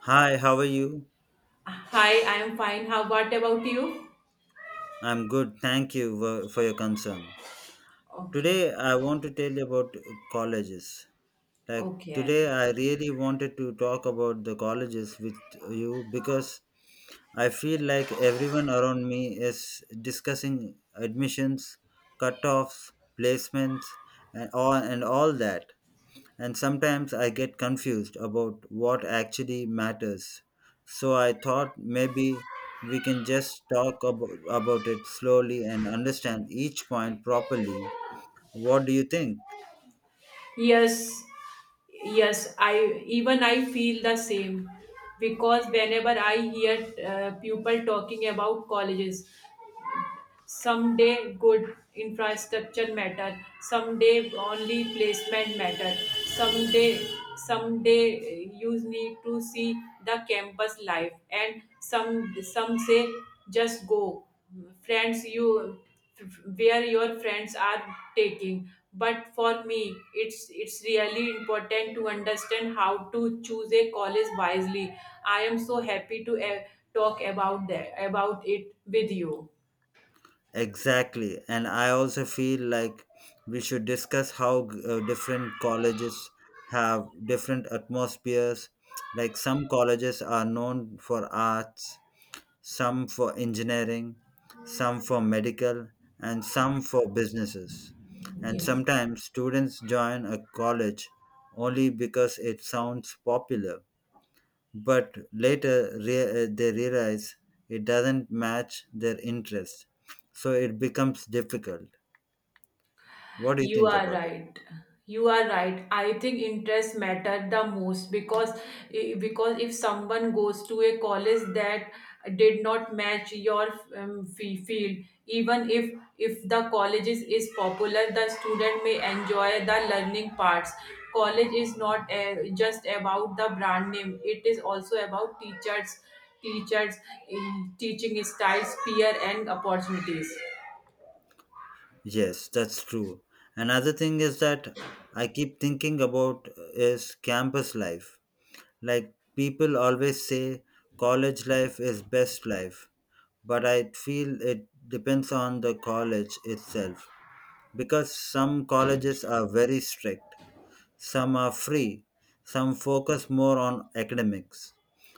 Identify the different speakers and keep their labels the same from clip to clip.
Speaker 1: Hi, how are you?
Speaker 2: Hi, I am fine. How what about you?
Speaker 1: I'm good. Thank you for your concern.
Speaker 2: Okay.
Speaker 1: Today, I want to tell you about colleges. Like,
Speaker 2: Okay.
Speaker 1: today, I really wanted to talk about the colleges with you because I feel like everyone around me is discussing admissions, cutoffs, placements, and all that. And sometimes I get confused about what actually matters. So I thought maybe we can just talk about it slowly and understand each point properly. What do you think?
Speaker 2: Yes. Yes, I feel the same because whenever I hear people talking about colleges, someday good infrastructure matter someday only placement matter someday someday you need to see the campus life and some say just go friends you where your friends are taking, but for me it's really important to understand how to choose a college wisely. I am so happy to talk about that about it with you.
Speaker 1: Exactly. And I also feel like we should discuss how different colleges have different atmospheres. Like some colleges are known for arts, some for engineering, some for medical, and some for businesses. And
Speaker 2: Yes.
Speaker 1: sometimes students join a college only because it sounds popular, but later they realize it doesn't match their interest, so it becomes difficult. What do you
Speaker 2: You
Speaker 1: think
Speaker 2: are
Speaker 1: about it?
Speaker 2: right. You are right. I think interests matter the most because if someone goes to a college that did not match your field, even if the college is popular, the student may enjoy the learning parts. College is not just about the brand name; it is also about teachers, teachers, teaching styles, peer, and opportunities.
Speaker 1: Yes, that's true. Another thing is that I keep thinking about is campus life. Like people always say college life is best life, but I feel it depends on the college itself because some colleges are very strict, some are free, some focus more on academics,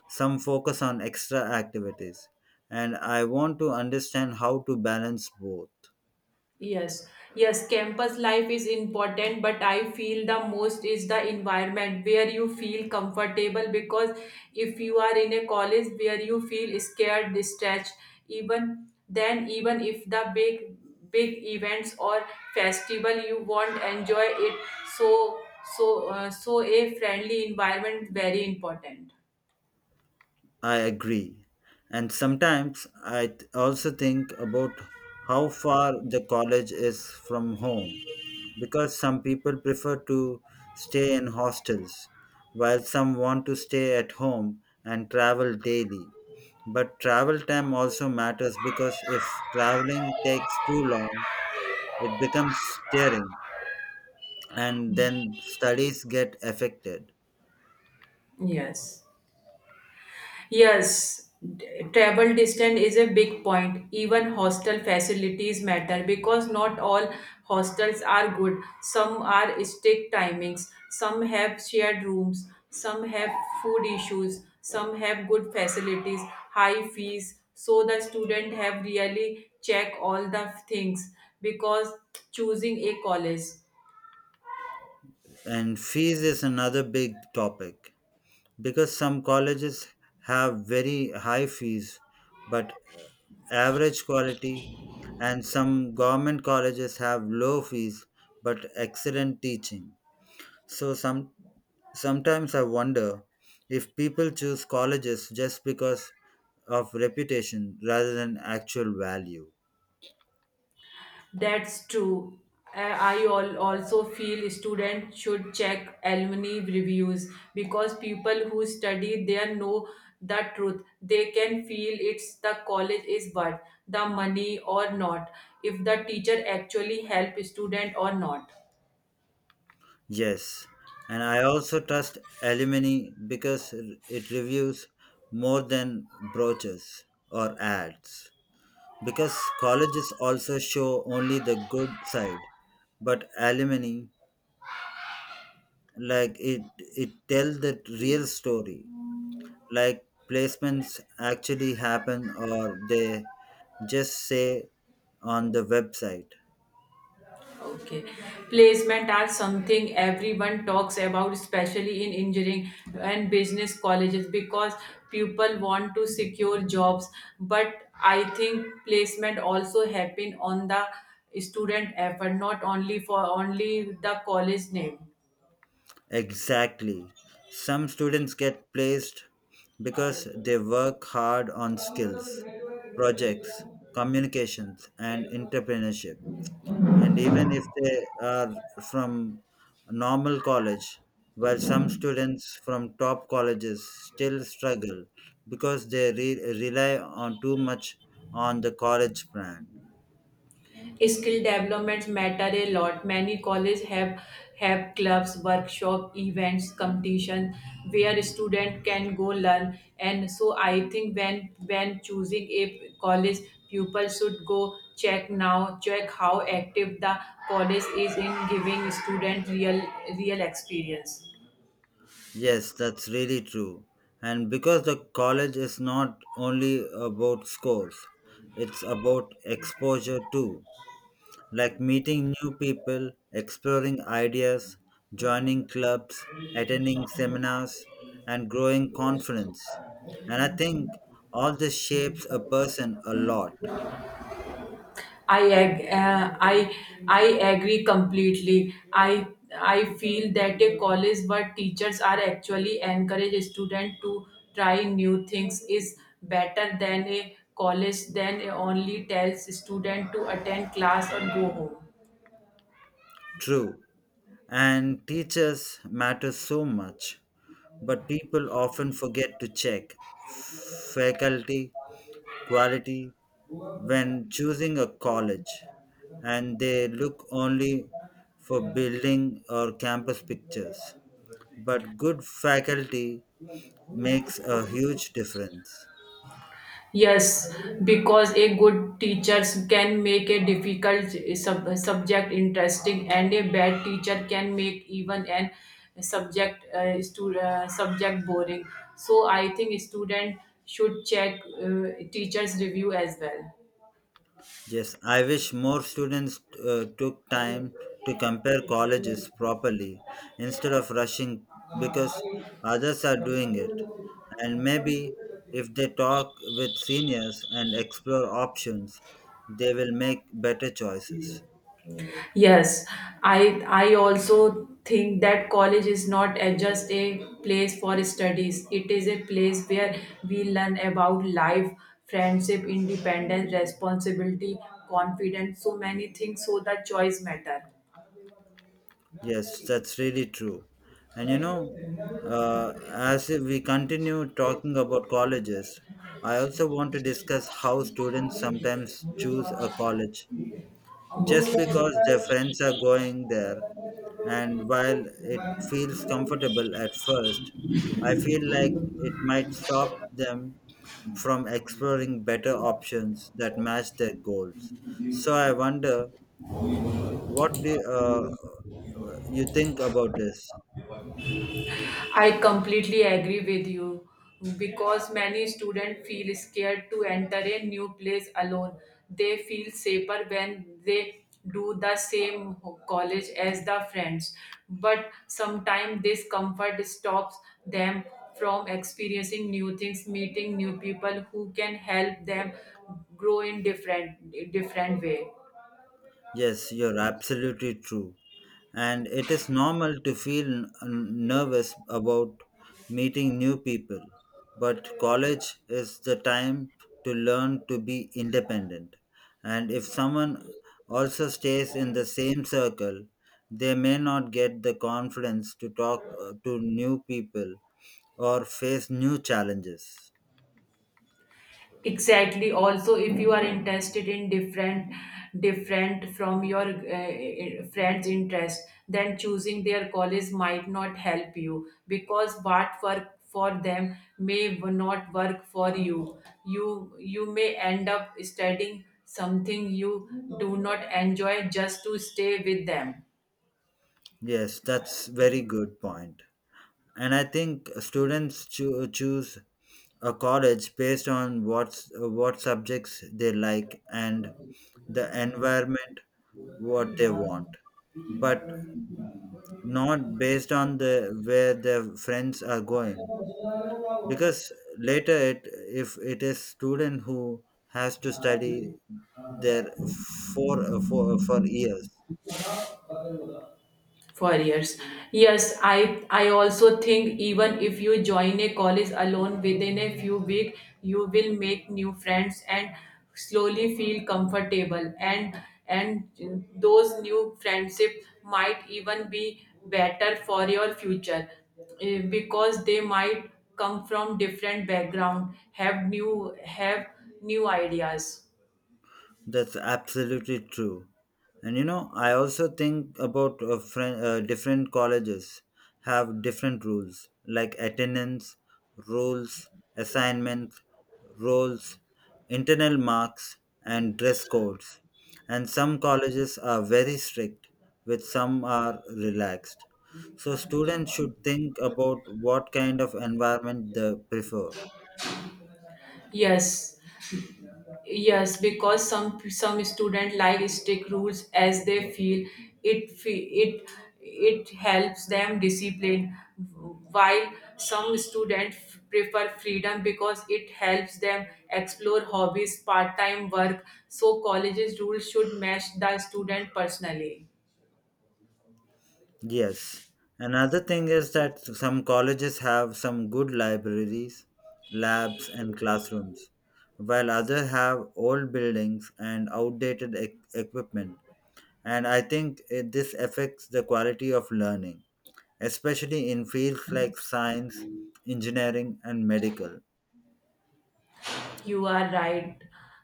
Speaker 1: some focus on extra activities, and I want to understand how to balance both.
Speaker 2: Yes, yes, campus life is important, but I feel the most is the environment where you feel comfortable because if you are in a college where you feel scared, distressed, even then, even if the big events or festival you won't enjoy it, so so a friendly environment very important.
Speaker 1: I agree. And sometimes I also think about how far the college is from home, because some people prefer to stay in hostels, while some want to stay at home and travel daily. But travel time also matters because if traveling takes too long, it becomes tiring and then studies get affected.
Speaker 2: Yes. Yes, travel distance is a big point. Even hostel facilities matter because not all hostels are good. Some are strict timings, some have shared rooms, some have food issues, some have good facilities, high fees. So the student have really check all the things because choosing a college.
Speaker 1: And fees is another big topic because some colleges have very high fees, but average quality, and some government colleges have low fees but excellent teaching. So sometimes I wonder if people choose colleges just because of reputation rather than actual value.
Speaker 2: That's true. I also feel students should check alumni reviews because people who study there know the truth. They can feel it's the college is worth the money or not, if the teacher actually help student or not.
Speaker 1: Yes, and I also trust alumni because it reviews more than brochures or ads. Because colleges also show only the good side, but alumni like it tells the real story, like placements actually happen or they just say on the website.
Speaker 2: Okay. Placement are something everyone talks about, especially in engineering and business colleges, because people want to secure jobs. But I think placement also happen on the student effort, not only for only the college name.
Speaker 1: Exactly. Some students get placed because they work hard on skills, projects, communications, and entrepreneurship, and even if they are from normal college, while some students from top colleges still struggle because they rely on too much on the college brand.
Speaker 2: Skill developments matter a lot. Many colleges have clubs, workshop, events, competition where student can go learn, and so I think when choosing a college, pupil should go check now, check how active the college is in giving student real experience.
Speaker 1: Yes, that's really true. And because the college is not only about scores, it's about exposure too, like meeting new people, exploring ideas, joining clubs, attending seminars, and growing confidence. And I think all this shapes a person a lot.
Speaker 2: I ag- uh, I I agree completely. I feel that a college where teachers are actually encourage students to try new things is better than a college that only tells student to attend class or go home.
Speaker 1: True. And teachers matter so much, but people often forget to check faculty quality when choosing a college, and they look only for building or campus pictures. But good faculty makes a huge difference.
Speaker 2: Yes, because a good teacher can make a difficult subject interesting, and a bad teacher can make even an subject boring. So I think student should check teacher's review as well.
Speaker 1: Yes, I wish more students took time to compare colleges properly instead of rushing because others are doing it. And maybe if they talk with seniors and explore options, they will make better choices.
Speaker 2: Yes, I also think that college is not just a place for studies. It is a place where we learn about life, friendship, independence, responsibility, confidence, so many things. So the choice matter.
Speaker 1: Yes, that's really true. And you know, as if we continue talking about colleges, I also want to discuss how students sometimes choose a college just because their friends are going there. And while it feels comfortable at first, I feel like it might stop them from exploring better options that match their goals. So I wonder, what do you think about this?
Speaker 2: I completely agree with you because many students feel scared to enter a new place alone. They feel safer when they do the same college as the friends, but sometimes this comfort stops them from experiencing new things, meeting new people who can help them grow in different way.
Speaker 1: Yes, you're absolutely true. And it is normal to feel nervous about meeting new people. But college is the time to learn to be independent. And if someone also stays in the same circle, they may not get the confidence to talk to new people or face new challenges.
Speaker 2: Exactly. Also, if you are interested in different different from your friends interest, then choosing their college might not help you because what work for them may not work for you. You may end up studying something you do not enjoy just to stay with them
Speaker 1: Yes, that's very good point. And I think students choose a college based on what subjects they like and the environment what they want, but not based on the where their friends are going, because later it, if it is student who has to study there for for years.
Speaker 2: for years. Yes, I also think even if you join a college alone, within a few weeks you will make new friends and slowly feel comfortable, and those new friendship might even be better for your future because they might come from different background, have new ideas.
Speaker 1: That's absolutely true. And you know, I also think about different colleges have different rules like attendance, rules, assignments, roles, internal marks, and dress codes. And some colleges are very strict, with some are relaxed. So students should think about what kind of environment they prefer.
Speaker 2: Yes, yes, because some student like stick rules as they feel it it helps them discipline, while some student prefer freedom because it helps them explore hobbies, part time work. So colleges rules should match the student personally.
Speaker 1: Yes. Another thing is that some colleges have some good libraries, labs, and classrooms, while others have old buildings and outdated equipment. And I think it, this affects the quality of learning, especially in fields like science, engineering, and medical.
Speaker 2: You are right.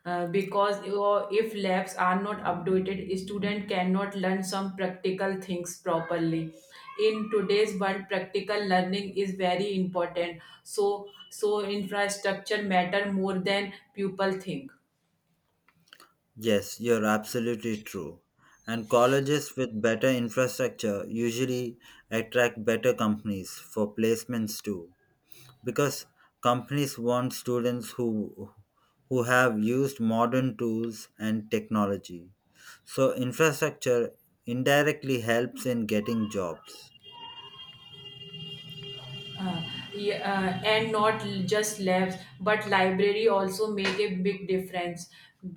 Speaker 2: Because if labs are not updated, student cannot learn some practical things properly. In today's world, practical learning is very important. So, so, infrastructure matter more than people think.
Speaker 1: Yes, you're absolutely true. And colleges with better infrastructure usually attract better companies for placements too, because companies want students who have used modern tools and technology. So infrastructure indirectly helps in getting jobs.
Speaker 2: Uh, yeah, and not just labs but library also make a big difference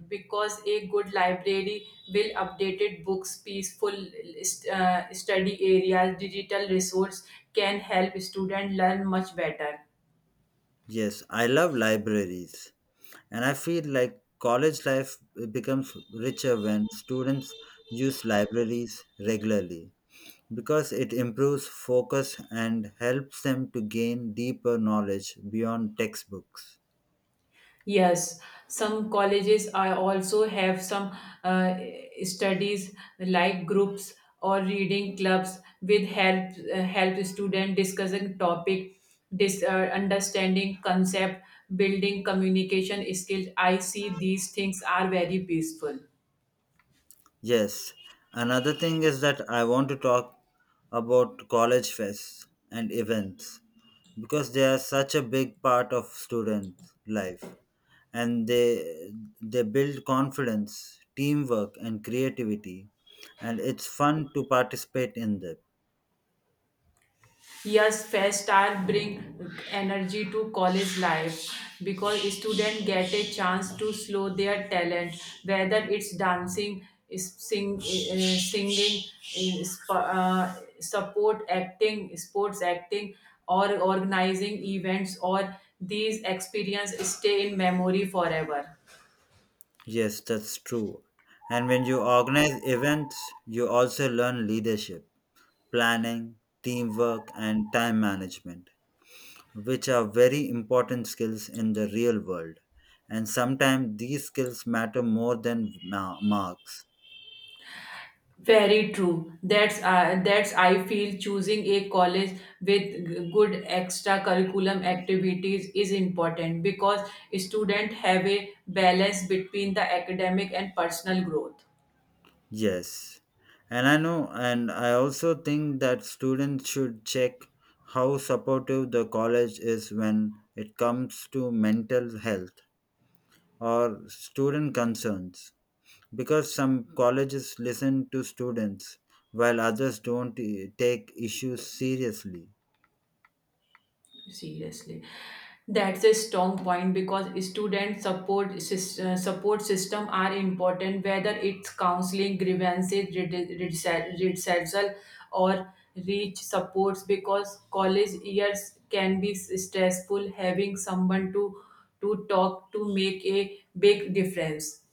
Speaker 2: because a good library will updated books, peaceful study areas, digital resource can help student learn much better.
Speaker 1: Yes, I love libraries. And I feel like college life becomes richer when students use libraries regularly because it improves focus and helps them to gain deeper knowledge beyond textbooks.
Speaker 2: Yes, some colleges I also have some uh, studies like groups or reading clubs with help help student discussing topic, dis, uh, understanding concept, building communication skills. I see these things are very peaceful.
Speaker 1: Yes, another thing is that I want to talk about college fests and events because they are such a big part of students' life, and they build confidence, teamwork, and creativity, and it's fun to participate in them.
Speaker 2: Yes, fest are bring energy to college life because students get a chance to slow their talent, whether it's dancing, singing, eh, sp- uh, sports acting, or organizing events. Or these experiences stay in memory forever.
Speaker 1: Yes, that's true. And when you organize events, you also learn leadership, planning, teamwork, and time management, which are very important skills in the real world. And sometimes these skills matter more than marks.
Speaker 2: Very true. That's I feel choosing a college with good extra curriculum activities is important because students have a balance between the academic and personal growth.
Speaker 1: Yes. And I know, and I also think that students should check how supportive the college is when it comes to mental health or student concerns. Because some colleges listen to students while others don't take issues seriously.
Speaker 2: Seriously, that's a strong point because student support system are important, whether it's counseling, grievances, redressal, or reach supports, because college years can be stressful. Having someone to talk to make a big difference.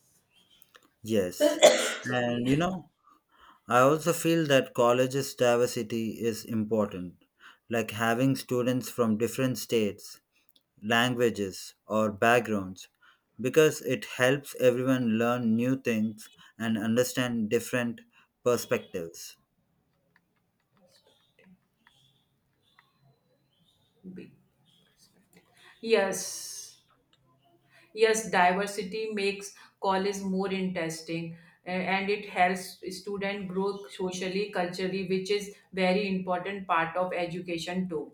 Speaker 1: Yes.
Speaker 2: Sorry.
Speaker 1: And you know, I also feel that colleges' diversity is important, like having students from different states, languages, or backgrounds, because it helps everyone learn new things and understand different perspectives.
Speaker 2: Big- Yes. Yes, diversity makes college more interesting a- and it helps student grow socially, culturally, which is very important part of education too.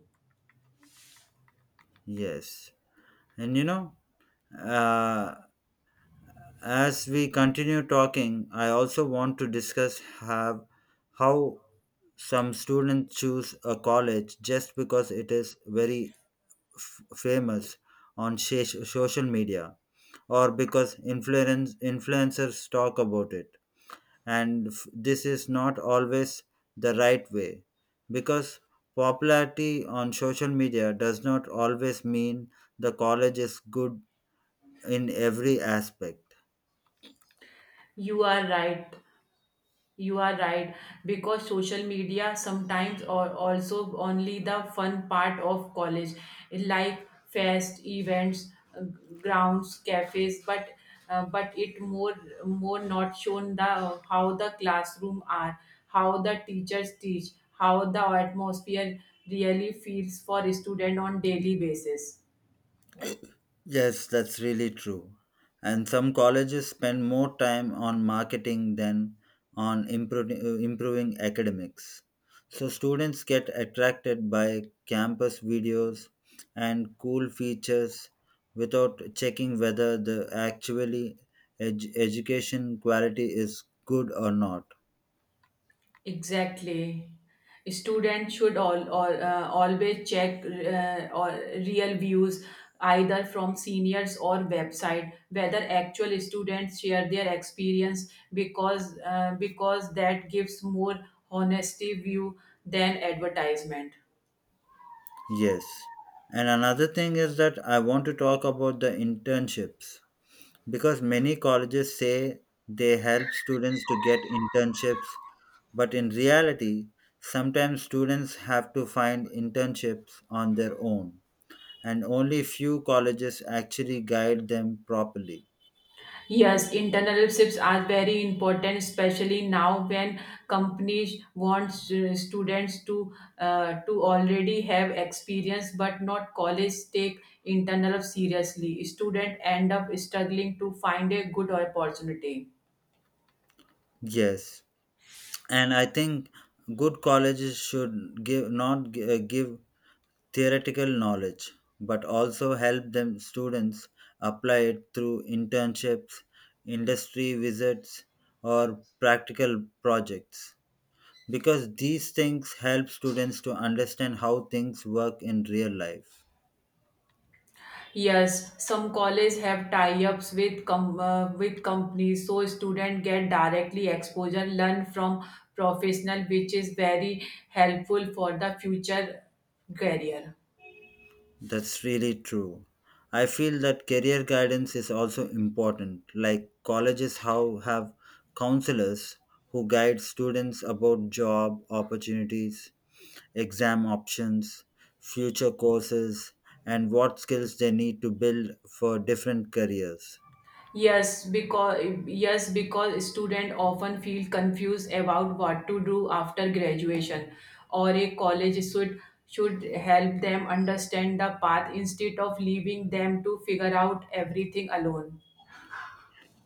Speaker 1: Yes. And you know, uh, as we continue talking, I also want to discuss have how some students choose a college just because it is very famous on social media or because influencers talk about it. And this is not always the right way because popularity on social media does not always mean the college is good in every aspect.
Speaker 2: You are right. You are right because social media sometimes or also only the fun part of college like fest events grounds cafes, but it more not shown the how the classroom are, how the teachers teach, how the atmosphere really feels for student on daily basis.
Speaker 1: Yes, that's really true. And some colleges spend more time on marketing than on improving academics. So students get attracted by campus videos and cool features without checking whether the actually education quality is good or not.
Speaker 2: Exactly. Students should all always check or real views, either from seniors or website, whether actual students share their experience because that gives more honesty view than advertisement.
Speaker 1: Yes. And another thing is that I want to talk about the internships. Because many colleges say they help students to get internships, but in reality, sometimes students have to find internships on their own, and only few colleges actually guide them properly.
Speaker 2: Yes, internships are very important, especially now when companies want students to already have experience, but not college take internships seriously. Student end up struggling to find a good opportunity.
Speaker 1: Yes, and I think good colleges should give not gi- give theoretical knowledge, but also help them students apply it through internships, industry visits, or practical projects. Because these things help students to understand how things work in real life.
Speaker 2: Yes, some college have tie-ups with with companies, so student get directly exposure, learn from professional, which is very helpful for the future career.
Speaker 1: That's really true. I feel that career guidance is also important. Like colleges how have counselors who guide students about job opportunities, exam options, future courses, and what skills they need to build for different careers.
Speaker 2: Yes, because yes, because students often feel confused about what to do after graduation, or a college should help them understand the path instead of leaving them to figure out everything alone.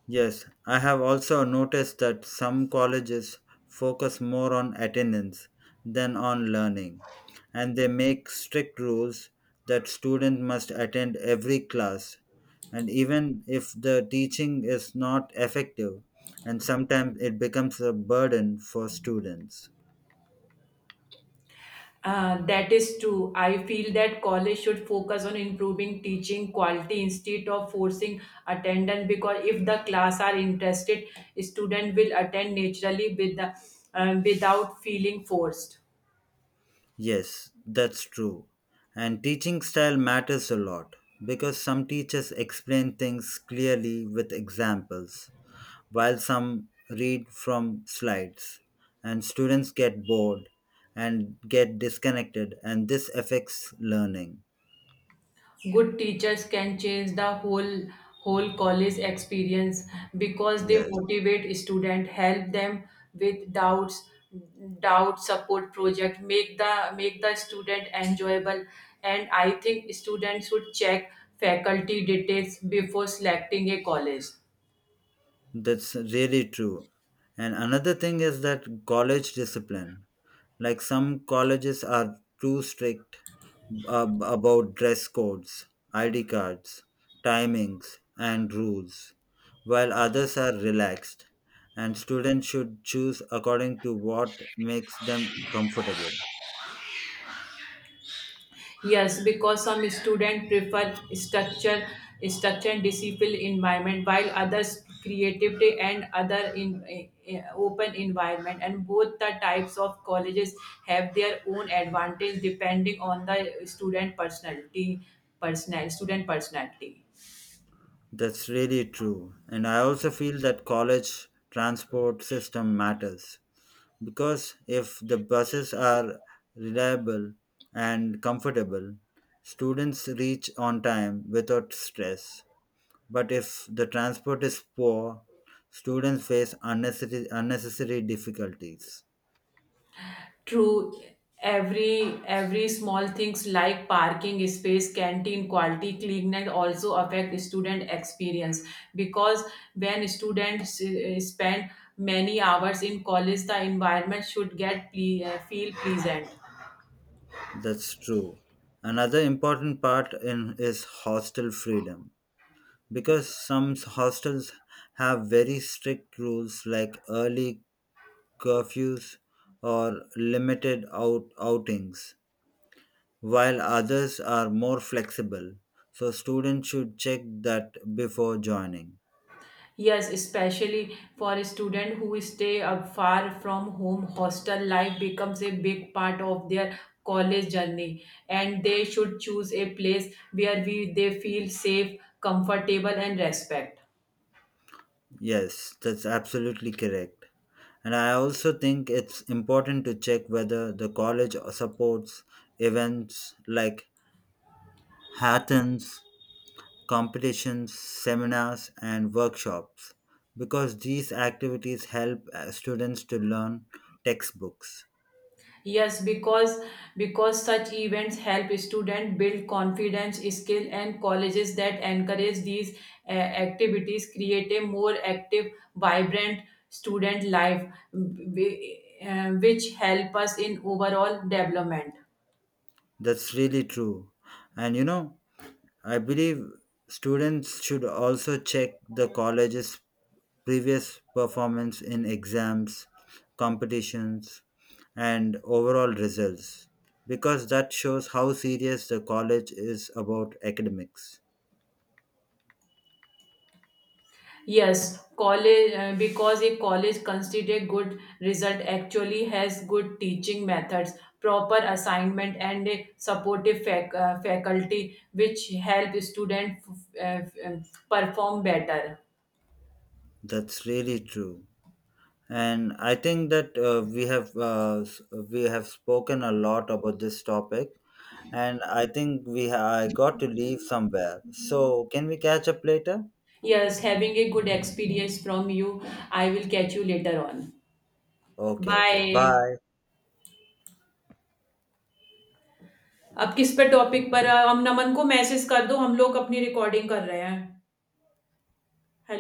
Speaker 1: Yes, I have also noticed that some colleges focus more on attendance than on learning, and they make strict rules that student must attend every class. And even if the teaching is not effective, and sometimes it becomes a burden for students.
Speaker 2: That is true. I feel that college should focus on improving teaching quality instead of forcing attendance because if the class are interested, student will attend naturally with the, without feeling forced.
Speaker 1: Yes, that's true. And teaching style matters a lot because some teachers explain things clearly with examples, while some read from slides, and students get bored and get disconnected, and this affects learning.
Speaker 2: Good teachers can change the whole college experience because they
Speaker 1: Yes.
Speaker 2: motivate students, help them with doubts, doubt support project, make the student enjoyable, and I think students should check faculty details before selecting a college.
Speaker 1: That's really true. And another thing is that college discipline. Like some colleges are too strict about dress codes, ID cards, timings, and rules, while others are relaxed. And students should choose according to what makes them comfortable.
Speaker 2: Yes, because some students prefer structure and discipline environment, while others creativity and other in open environment. And both the types of colleges have their own advantage depending on the student personality.
Speaker 1: That's really true. And I also feel that college transport system matters. Because if the buses are reliable and comfortable, students reach on time without stress. But if the transport is poor, students face unnecessary difficulties.
Speaker 2: True, every small things like parking space, canteen quality, cleanliness also affect student experience because when students spend many hours in college, the environment should feel pleasant.
Speaker 1: That's true. Another important part in is hostel freedom. Because some hostels have very strict rules like early curfews or outings, while others are more flexible. So, students should check that before joining.
Speaker 2: Yes, especially for a student who stay up far from home, hostel life becomes a big part of their college journey, and they should choose a place where we they feel safe, comfortable, and respect.
Speaker 1: Yes, that's absolutely correct. And I also think it's important to check whether the college supports events like hackathons, competitions, seminars, and workshops because these activities help students to learn textbooks.
Speaker 2: Yes, because such events help students build confidence, skill, and colleges that encourage these activities create a more active, vibrant student life, w- w- which help us in overall development.
Speaker 1: That's really true. And you know, I believe students should also check the college's previous performance in exams, competitions, and overall results because that shows how serious the college is about academics.
Speaker 2: Yes, college because a college considered good result actually has good teaching methods, proper assignment, and a supportive faculty which help students uh, um, perform better.
Speaker 1: That's really true. And I think that we have we have spoken a lot about this topic, and I think we I got to leave somewhere. So can we catch up later?
Speaker 2: Yes, having a good experience from you. I will catch you later on.
Speaker 1: Okay, okay.
Speaker 2: Bye.
Speaker 1: Bye.
Speaker 2: अब किस पे topic पर हम नमन को message कर दो, हम लोग अपनी रिकॉर्डिंग कर रहे हैं। हेलो।